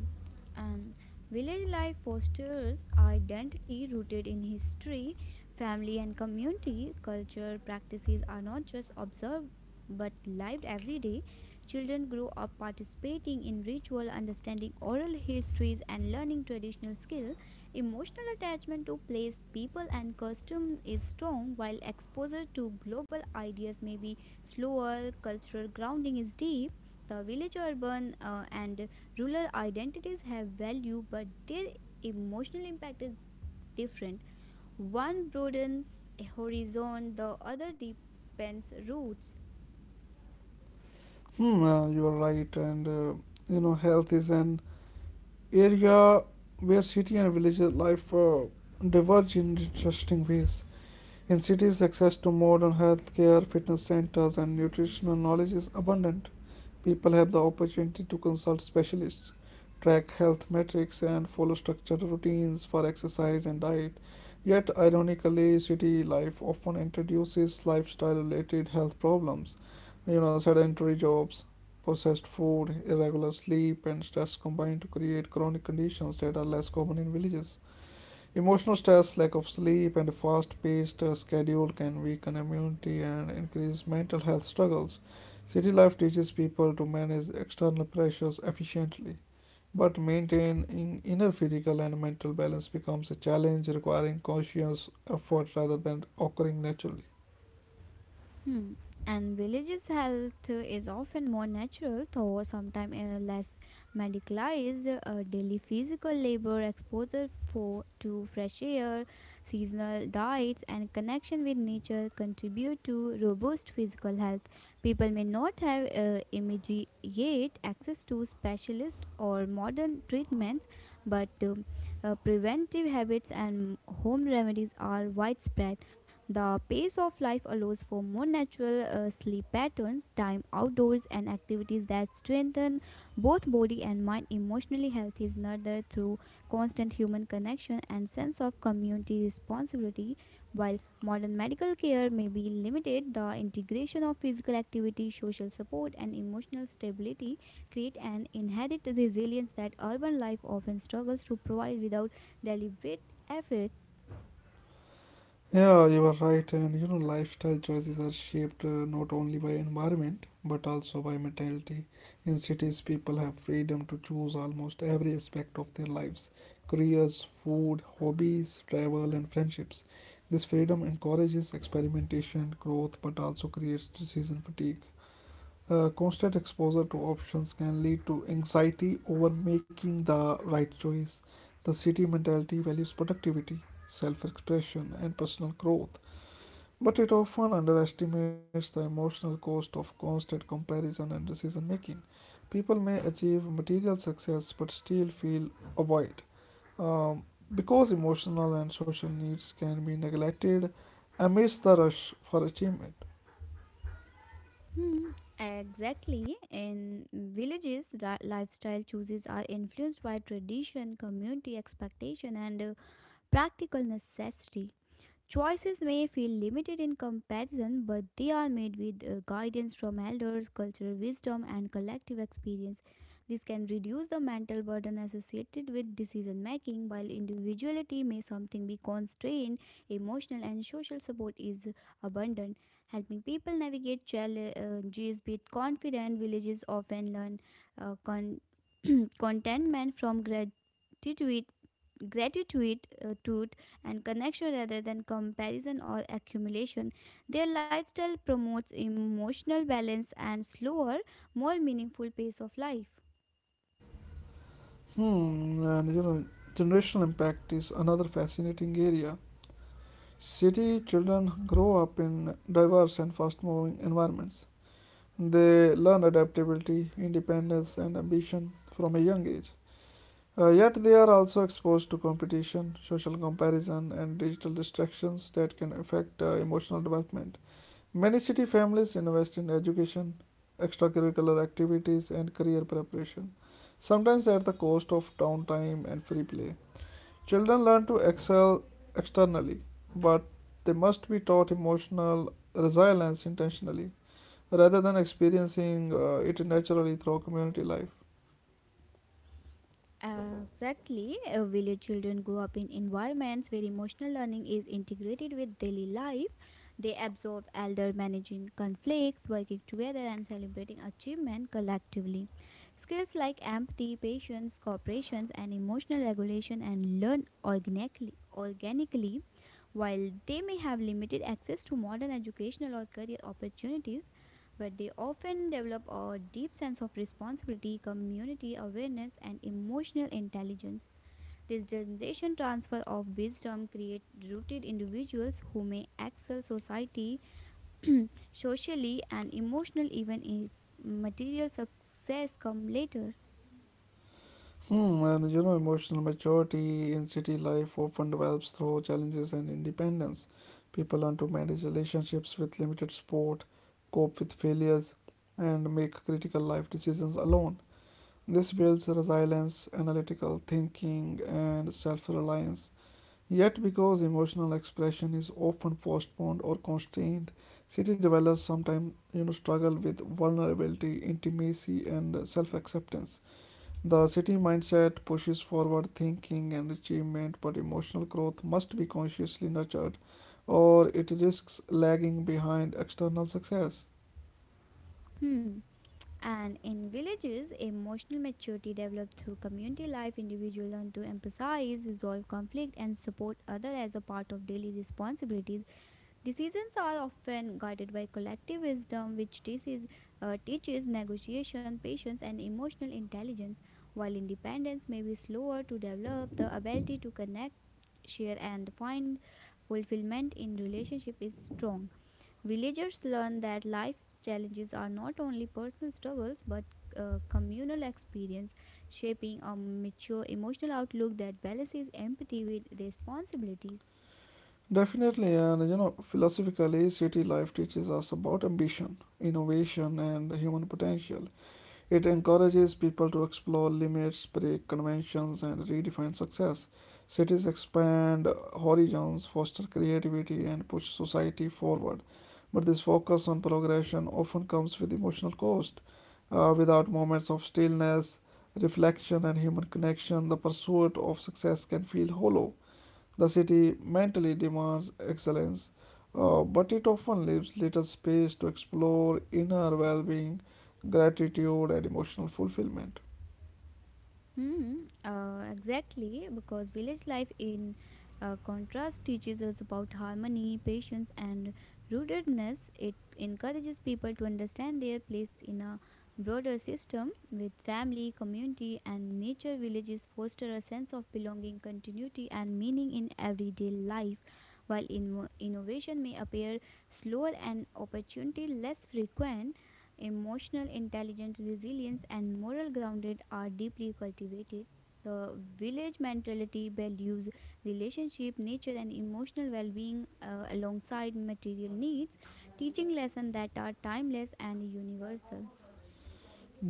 B: And village life fosters identity rooted in history, family, and community. Culture practices are not just observed but lived every day. Children grow up participating in ritual, understanding oral histories, and learning traditional skill. Emotional attachment to place, people, and custom is strong, while exposure to global ideas may be slower. Cultural grounding is deep. The village urban uh, and rural identities have value, but their emotional impact is different. One broadens horizon, the other deepens roots.
A: Hmm, uh, you are right, and uh, you know, health is an area where city and village life uh, diverge in interesting ways. In cities, access to modern healthcare, fitness centers, and nutritional knowledge is abundant. People have the opportunity to consult specialists, track health metrics, and follow structured routines for exercise and diet. Yet, ironically, city life often introduces lifestyle related health problems. You know, sedentary jobs, processed food, irregular sleep, and stress combine to create chronic conditions that are less common in villages. Emotional stress, lack of sleep, and a fast paced schedule can weaken immunity and increase mental health struggles. City life teaches people to manage external pressures efficiently, but maintaining inner physical and mental balance becomes a challenge requiring conscious effort rather than occurring naturally.
B: Hmm. And villages' health is often more natural, though sometimes uh, less medicalized. Uh, daily physical labor, exposure for, to fresh air, seasonal diets, and connection with nature contribute to robust physical health. People may not have uh, immediate access to specialist or modern treatments, but um, uh, preventive habits and home remedies are widespread. The pace of life allows for more natural uh, sleep patterns, time outdoors, and activities that strengthen both body and mind. Emotionally health is nurtured through constant human connection and sense of community responsibility. While modern medical care may be limited, the integration of physical activity, social support, and emotional stability create an inherent resilience that urban life often struggles to provide without deliberate effort.
A: Yeah, you are right. And you know, lifestyle choices are shaped uh, not only by environment but also by mentality. In cities, people have freedom to choose almost every aspect of their lives: careers, food, hobbies, travel, and friendships. This freedom encourages experimentation and growth but also creates decision fatigue. Uh, constant exposure to options can lead to anxiety over making the right choice. The city mentality values productivity, self expression, and personal growth, but it often underestimates the emotional cost of constant comparison and decision making. People may achieve material success but still feel a void. Um, because emotional and social needs can be neglected amidst the rush for achievement.
B: Hmm, exactly. In villages, ri- lifestyle choices are influenced by tradition, community expectation, and uh, practical necessity. Choices may feel limited in comparison, but they are made with uh, guidance from elders, cultural wisdom, and collective experience. This can reduce the mental burden associated with decision making. While individuality may something be constrained, emotional and social support is abundant. Helping people navigate challenges with confidence, villages often learn uh, con- contentment from gratitude gratitude uh, tooth, and connection rather than comparison or accumulation. Their lifestyle promotes emotional balance and slower, more meaningful pace of life.
A: Hmm, and you know, generational impact is another fascinating area. City children grow up in diverse and fast moving environments. They learn adaptability, independence, and ambition from a young age. Uh, yet they are also exposed to competition, social comparison, and digital distractions that can affect uh, emotional development. Many city families invest in education, extracurricular activities, and career preparation, sometimes at the cost of downtime and free play. Children learn to excel externally, but they must be taught emotional resilience intentionally rather than experiencing uh, it naturally through community life.
B: Uh, Exactly. Uh, village children grow up in environments where emotional learning is integrated with daily life. They absorb elder managing conflicts, working together, and celebrating achievement collectively. Skills like empathy, patience, cooperation, and emotional regulation and learn organically, organically, while they may have limited access to modern educational or career opportunities, but they often develop a deep sense of responsibility, community awareness, and emotional intelligence. This generation transfer of wisdom creates rooted individuals who may excel society, socially, and emotionally, even if material success comes later.
A: Hmm, and you know, emotional maturity in city life often develops through challenges and independence. People learn to manage relationships with limited support, cope with failures, and make critical life decisions alone. This builds resilience, analytical thinking, and self reliance. Yet, because emotional expression is often postponed or constrained, city dwellers sometimes you know struggle with vulnerability, intimacy, and self-acceptance. The city mindset pushes forward thinking and achievement, but emotional growth must be consciously nurtured, or it risks lagging behind external success.
B: Hmm. And in villages, emotional maturity developed through community life. Individuals learn to emphasize, resolve conflict, and support others as a part of daily responsibilities. Decisions are often guided by collective wisdom, which teaches, uh, teaches negotiation, patience, and emotional intelligence. While independence may be slower to develop, the ability to connect, share, and find fulfillment in relationship is strong. Villagers learn that life's challenges are not only personal struggles but uh, communal experience, shaping a mature emotional outlook that balances empathy with responsibilities.
A: Definitely, and you know, philosophically, city life teaches us about ambition, innovation, and human potential. It encourages people to explore limits, break conventions, and redefine success. Cities expand horizons, foster creativity, and push society forward. But this focus on progression often comes with emotional cost. Uh, without moments of stillness, reflection, and human connection, the pursuit of success can feel hollow. The city mentally demands excellence, uh, but it often leaves little space to explore inner well being, gratitude, and emotional fulfillment.
B: Hmm, uh, exactly, because village life, in uh, contrast, teaches us about harmony, patience, and rootedness. It encourages people to understand their place in a broader system with family, community, and nature. Villages foster a sense of belonging, continuity, and meaning in everyday life. While inno- innovation may appear slower and opportunity less frequent, emotional intelligence, resilience, and moral grounded are deeply cultivated. The village mentality values relationship, nature, and emotional well-being uh, alongside material needs, teaching lessons that are timeless and universal.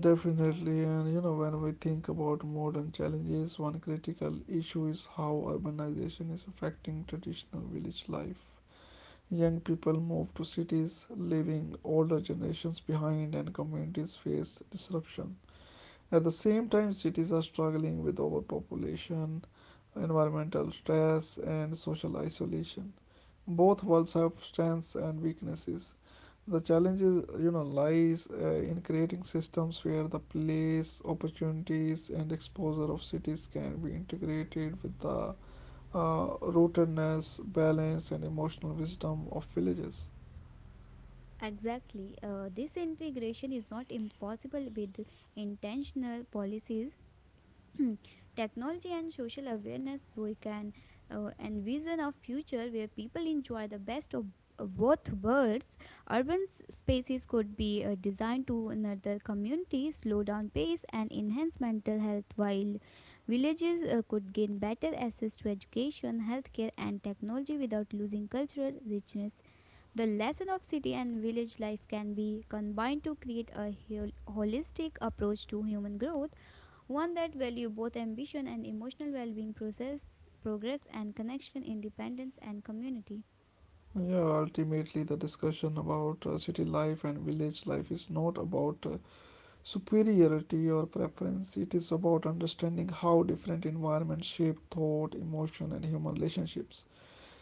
A: Definitely, and you know, when we think about modern challenges, one critical issue is how urbanization is affecting traditional village life. Young people move to cities, leaving older generations behind, and communities face disruption. At the same time, cities are struggling with overpopulation, environmental stress, and social isolation. Both worlds have strengths and weaknesses. The challenge is, you know, lies uh, in creating systems where the place, opportunities, and exposure of cities can be integrated with the uh, rootedness, balance, and emotional wisdom of villages.
B: Exactly, uh, this integration is not impossible with intentional policies. Technology and social awareness we can uh, envision a future where people enjoy the best of of both worlds. Urban s- spaces could be uh, designed to another community, slow down pace and enhance mental health, while villages uh, could gain better access to education, healthcare and technology without losing cultural richness. The lesson of city and village life can be combined to create a hol- holistic approach to human growth, one that value both ambition and emotional well-being, process, progress and connection, independence and community.
A: Yeah, ultimately, the discussion about uh, city life and village life is not about uh, superiority or preference. It is about understanding how different environments shape thought, emotion, and human relationships.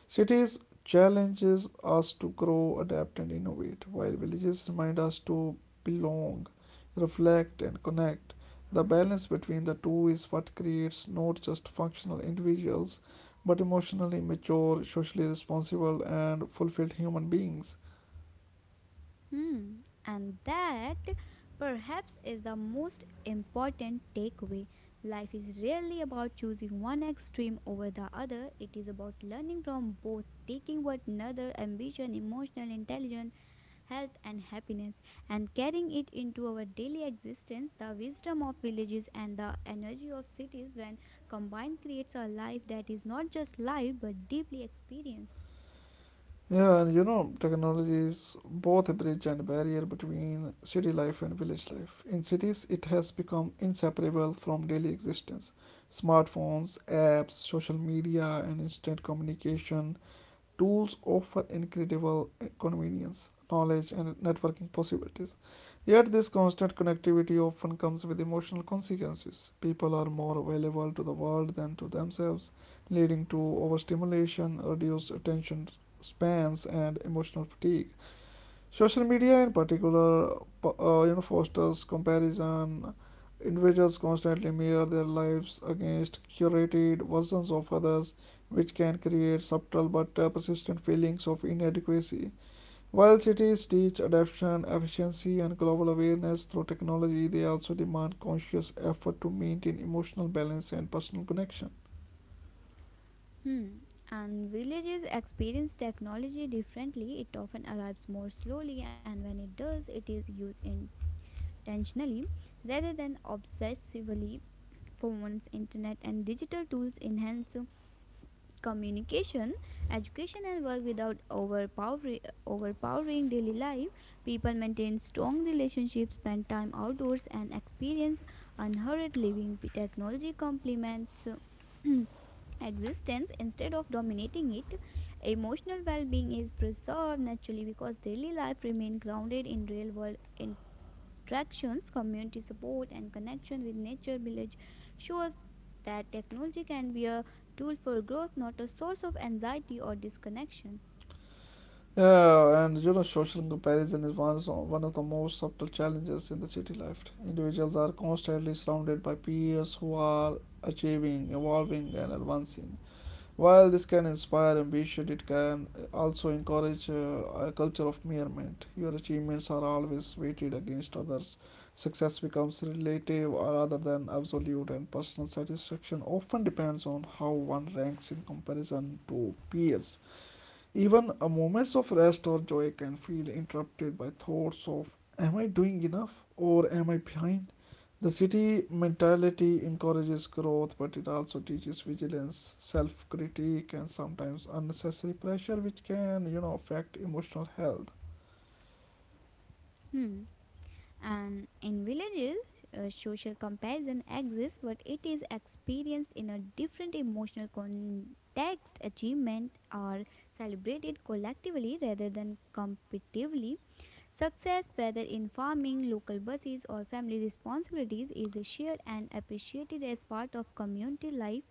A: Cities challenges us to grow, adapt, and innovate, while villages remind us to belong, reflect, and connect. The balance between the two is what creates not just functional individuals but emotionally mature, socially responsible, and fulfilled human beings.
B: Hmm. And that perhaps is the most important takeaway. Life is really about choosing one extreme over the other. It is about learning from both, taking what another ambition, emotional intelligence, health, and happiness, and carrying it into our daily existence. The wisdom of villages and the energy of cities, when combined, creates a life that is not just lived but deeply experienced.
A: Yeah, and you know, technology is both a bridge and a barrier between city life and village life. In cities, it has become inseparable from daily existence. Smartphones, apps, social media, and instant communication tools offer incredible convenience, knowledge, and networking possibilities. Yet, this constant connectivity often comes with emotional consequences. People are more available to the world than to themselves, leading to overstimulation, reduced attention spans, and emotional fatigue. Social media, in particular, uh, you know, fosters comparison. Individuals constantly mirror their lives against curated versions of others, which can create subtle but uh, persistent feelings of inadequacy. While cities teach adaptation, efficiency, and global awareness through technology, they also demand conscious effort to maintain emotional balance and personal connection.
B: Hmm. And villages experience technology differently. It often arrives more slowly, and when it does, it is used intentionally rather than obsessively. Phones, internet, and digital tools enhance communication, education, and work without overpowering, overpowering daily life. People maintain strong relationships, spend time outdoors, and experience unhurried living. Technology complements existence instead of dominating it. Emotional well-being is preserved naturally because daily life remains grounded in real world interactions, community support, and connection with nature. Village shows that technology can be a tool for growth, not a source of anxiety or disconnection.
A: Yeah, and you know, social comparison is one, so- one of the most subtle challenges in the city life. Individuals are constantly surrounded by peers who are achieving, evolving, and advancing. While this can inspire ambition, it can also encourage uh, a culture of merriment. Your achievements are always weighted against others. Success becomes relative rather than absolute, and personal satisfaction often depends on how one ranks in comparison to peers. Even a moments of rest or joy can feel interrupted by thoughts of am I doing enough or am I behind? The city mentality encourages growth, but it also teaches vigilance, self critique, and sometimes unnecessary pressure, which can, you know, affect emotional health.
B: Hmm. And in villages, uh, social comparison exists, but it is experienced in a different emotional context. Achievement are celebrated collectively rather than competitively. Success, whether in farming, local buses, or family responsibilities, is shared and appreciated as part of community life.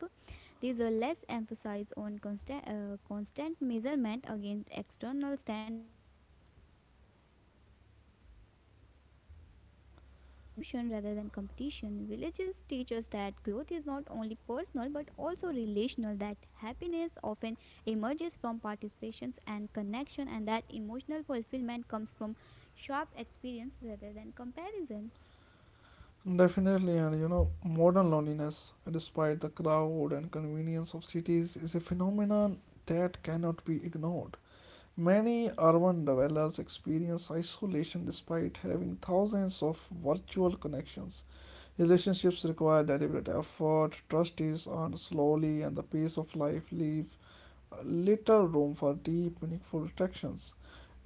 B: These are less emphasized on constant, uh, constant measurement against external standards. These allow individuals to find satisfaction in contribution rather than competition. Villages teach us that growth is not only personal but also relational, that happiness often emerges from participations and connection, and that emotional fulfillment comes from Shop experience rather than comparison.
A: Definitely, and you know, modern loneliness, despite the crowd and convenience of cities, is a phenomenon that cannot be ignored. Many urban dwellers experience isolation despite having thousands of virtual connections. Relationships require deliberate effort, trust is earned slowly, and the pace of life leaves little room for deep, meaningful reflections.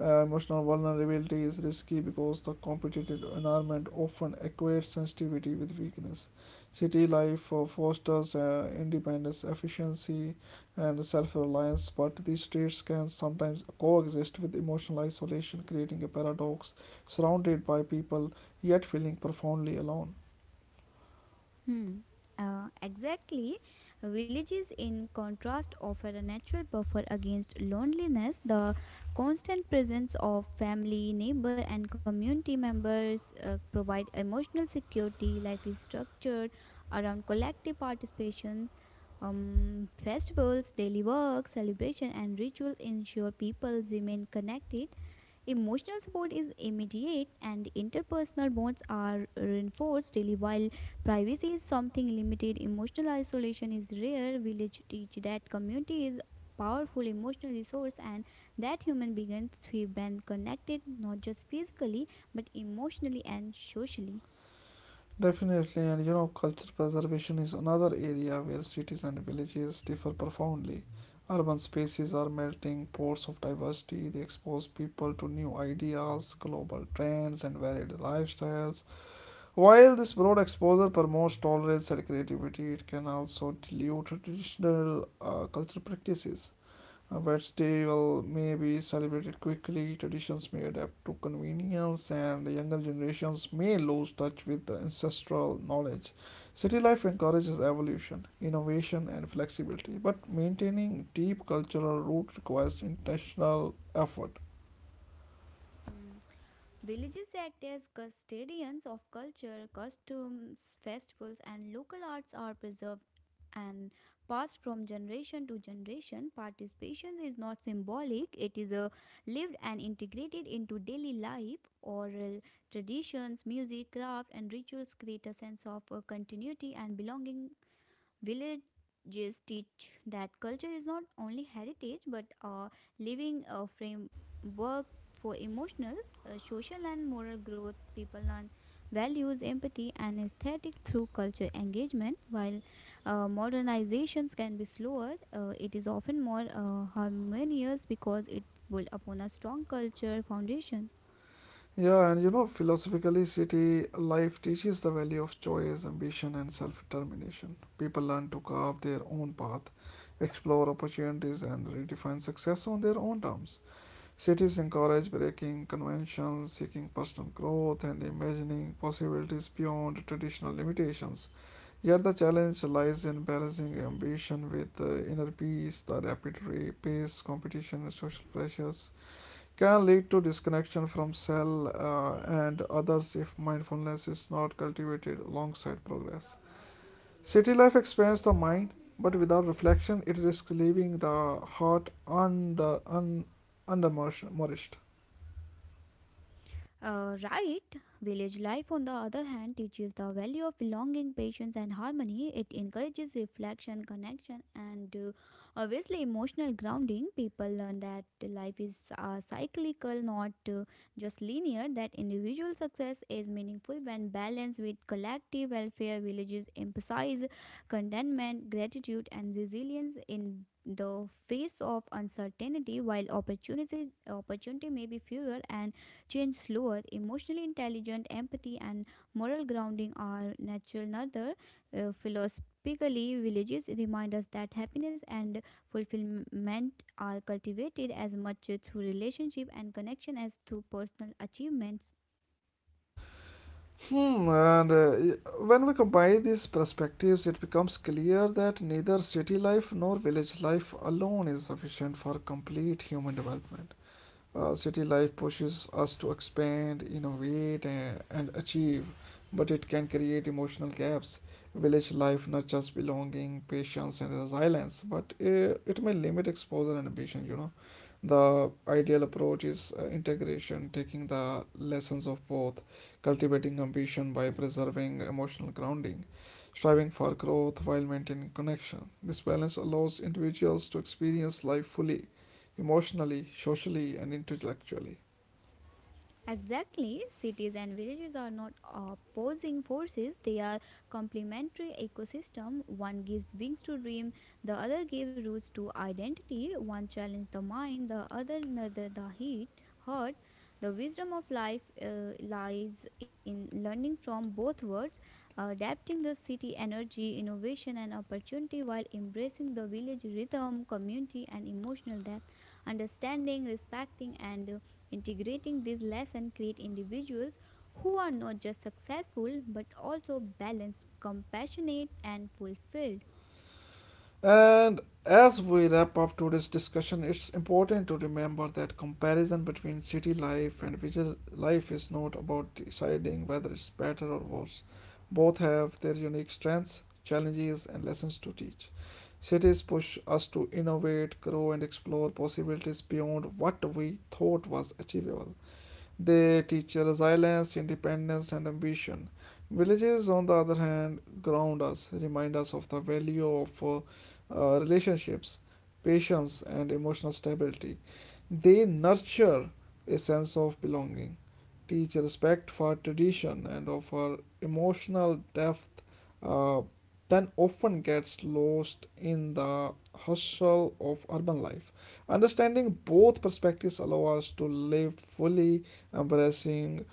A: Uh, emotional vulnerability is risky because the competitive environment often equates sensitivity with weakness. City life uh, fosters uh, independence, efficiency, and self reliance, but these traits can sometimes coexist with emotional isolation, creating a paradox surrounded by people yet feeling profoundly alone.
B: Hmm. Uh, exactly. Villages, in contrast, offer a natural buffer against loneliness. The constant presence of family, neighbor, and community members uh, provide emotional security. Life is structured around collective participations. Um, festivals, daily work, celebration, and rituals ensure people remain connected. Emotional support is immediate and interpersonal bonds are reinforced daily, while privacy is something limited. Emotional isolation is rare. Village teach that community is powerful emotional resource, and that human begins to be connected not just physically but emotionally and socially.
A: Definitely, and you know, culture preservation is another area where cities and villages differ profoundly. Urban spaces are melting pots of diversity, they expose people to new ideas, global trends, and varied lifestyles. While this broad exposure promotes tolerance and creativity, it can also dilute traditional uh, cultural practices. A festival may be celebrated quickly, traditions may adapt to convenience, and younger generations may lose touch with the ancestral knowledge. City life encourages evolution, innovation, and flexibility, but maintaining deep cultural root requires intentional effort.
B: Hmm. Villages act as custodians of culture. Costumes, festivals, and local arts are preserved and passed from generation to generation. Participation is not symbolic, it is a lived and integrated into daily life. Oral traditions, music, craft, and rituals create a sense of uh, continuity and belonging. Villages teach that culture is not only heritage but a living uh, framework for emotional, uh, social, and moral growth. People learn values, empathy, and aesthetic through culture engagement. While uh, modernizations can be slower, uh, it is often more uh, harmonious because it builds upon a strong culture foundation.
A: Yeah, and you know, philosophically, city life teaches the value of choice, ambition, and self determination. People learn to carve their own path, explore opportunities, and redefine success on their own terms. Cities encourage breaking conventions, seeking personal growth, and imagining possibilities beyond traditional limitations. Yet the challenge lies in balancing ambition with uh, inner peace. The rapid ra- pace, competition, and social pressures can lead to disconnection from self uh, and others if mindfulness is not cultivated alongside progress. City life expands the mind, but without reflection, it risks leaving the heart under, un, undernourished.
B: Uh, right, village life, on the other hand, teaches the value of belonging, patience, and harmony. It encourages reflection, connection, and uh, obviously emotional grounding. People learn that life is uh, cyclical, not uh, just linear, that individual success is meaningful when balanced with collective welfare. Villages emphasize contentment, gratitude, and resilience in the face of uncertainty, while opportunity opportunity may be fewer and change slower. Emotionally intelligent, empathy, and moral grounding are natural. Another, uh, philosophically, villages remind us that happiness and fulfillment are cultivated as much through relationship and connection as through personal achievements.
A: Hmm, and uh, when we combine these perspectives, it becomes clear that neither city life nor village life alone is sufficient for complete human development. Uh, city life pushes us to expand, innovate, and, and achieve, but it can create emotional gaps. Village life nurtures belonging, patience, and resilience, but uh, it may limit exposure and ambition, you know. The ideal approach is uh, integration, taking the lessons of both, cultivating ambition by preserving emotional grounding, striving for growth while maintaining connection. This balance allows individuals to experience life fully, emotionally, socially, and intellectually.
B: Exactly, cities and villages are not opposing forces, they are complementary ecosystem. One gives wings to dream, the other gives roots to identity. One challenges the mind, the other another the heat, heart. The wisdom of life uh, lies in learning from both worlds, adapting the city energy, innovation and opportunity, while embracing the village rhythm, community and emotional depth, understanding, respecting, and uh, integrating these lessons create individuals who are not just successful but also balanced, compassionate and fulfilled.
A: And as we wrap up today's discussion, it's important to remember that comparison between city life and village life is not about deciding whether it's better or worse. Both have their unique strengths, challenges, and lessons to teach. Cities push us to innovate, grow, and explore possibilities beyond what we thought was achievable. They teach resilience, independence, and ambition. Villages, on the other hand, ground us, remind us of the value of uh, uh, relationships, patience, and emotional stability. They nurture a sense of belonging, teach respect for tradition, and offer emotional depth uh, that often gets lost in the hustle of urban life. Understanding both perspectives allow us to live fully embracing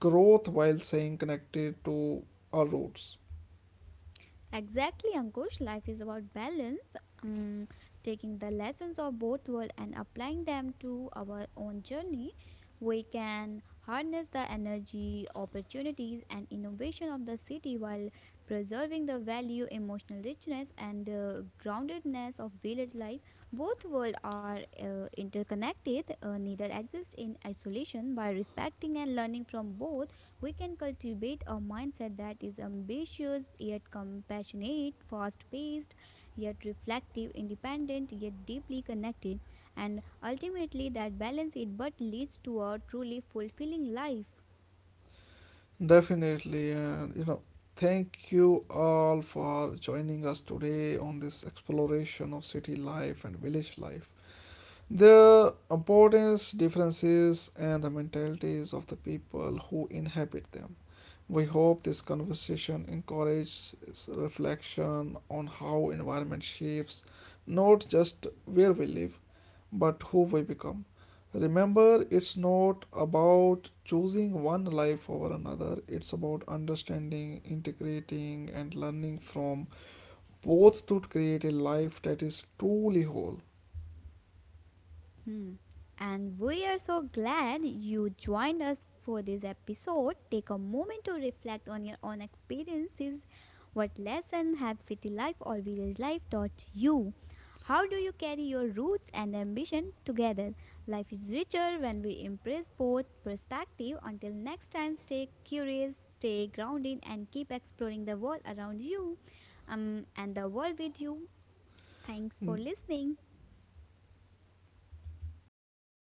A: growth while staying connected to our roots.
B: Exactly, Ankush. Life is about balance, um, taking the lessons of both worlds and applying them to our own journey. We can harness the energy, opportunities, and innovation of the city while preserving the value, emotional richness, and uh, groundedness of village life. Both worlds are uh, interconnected, uh, neither exist in isolation. By respecting and learning from both, we can cultivate a mindset that is ambitious yet compassionate, fast paced yet reflective, independent yet deeply connected, and ultimately that balance it but leads to a truly fulfilling life.
A: Definitely, and you know, thank you all for joining us today on this exploration of city life and village life. Their importance, differences, and the mentalities of the people who inhabit them. We hope this conversation encourages reflection on how environment shapes not just where we live but who we become. Remember, it's not about choosing one life over another, it's about understanding, integrating, and learning from both to create a life that is truly whole.
B: Hmm. And we are so glad you joined us for this episode. Take a moment to reflect on your own experiences. What lesson have city life or village life taught you? How do you carry your roots and ambition together? Life is richer when we embrace both perspective. Until next time, stay curious, stay grounded, and keep exploring the world around you, um, and the world with you. Thanks for listening.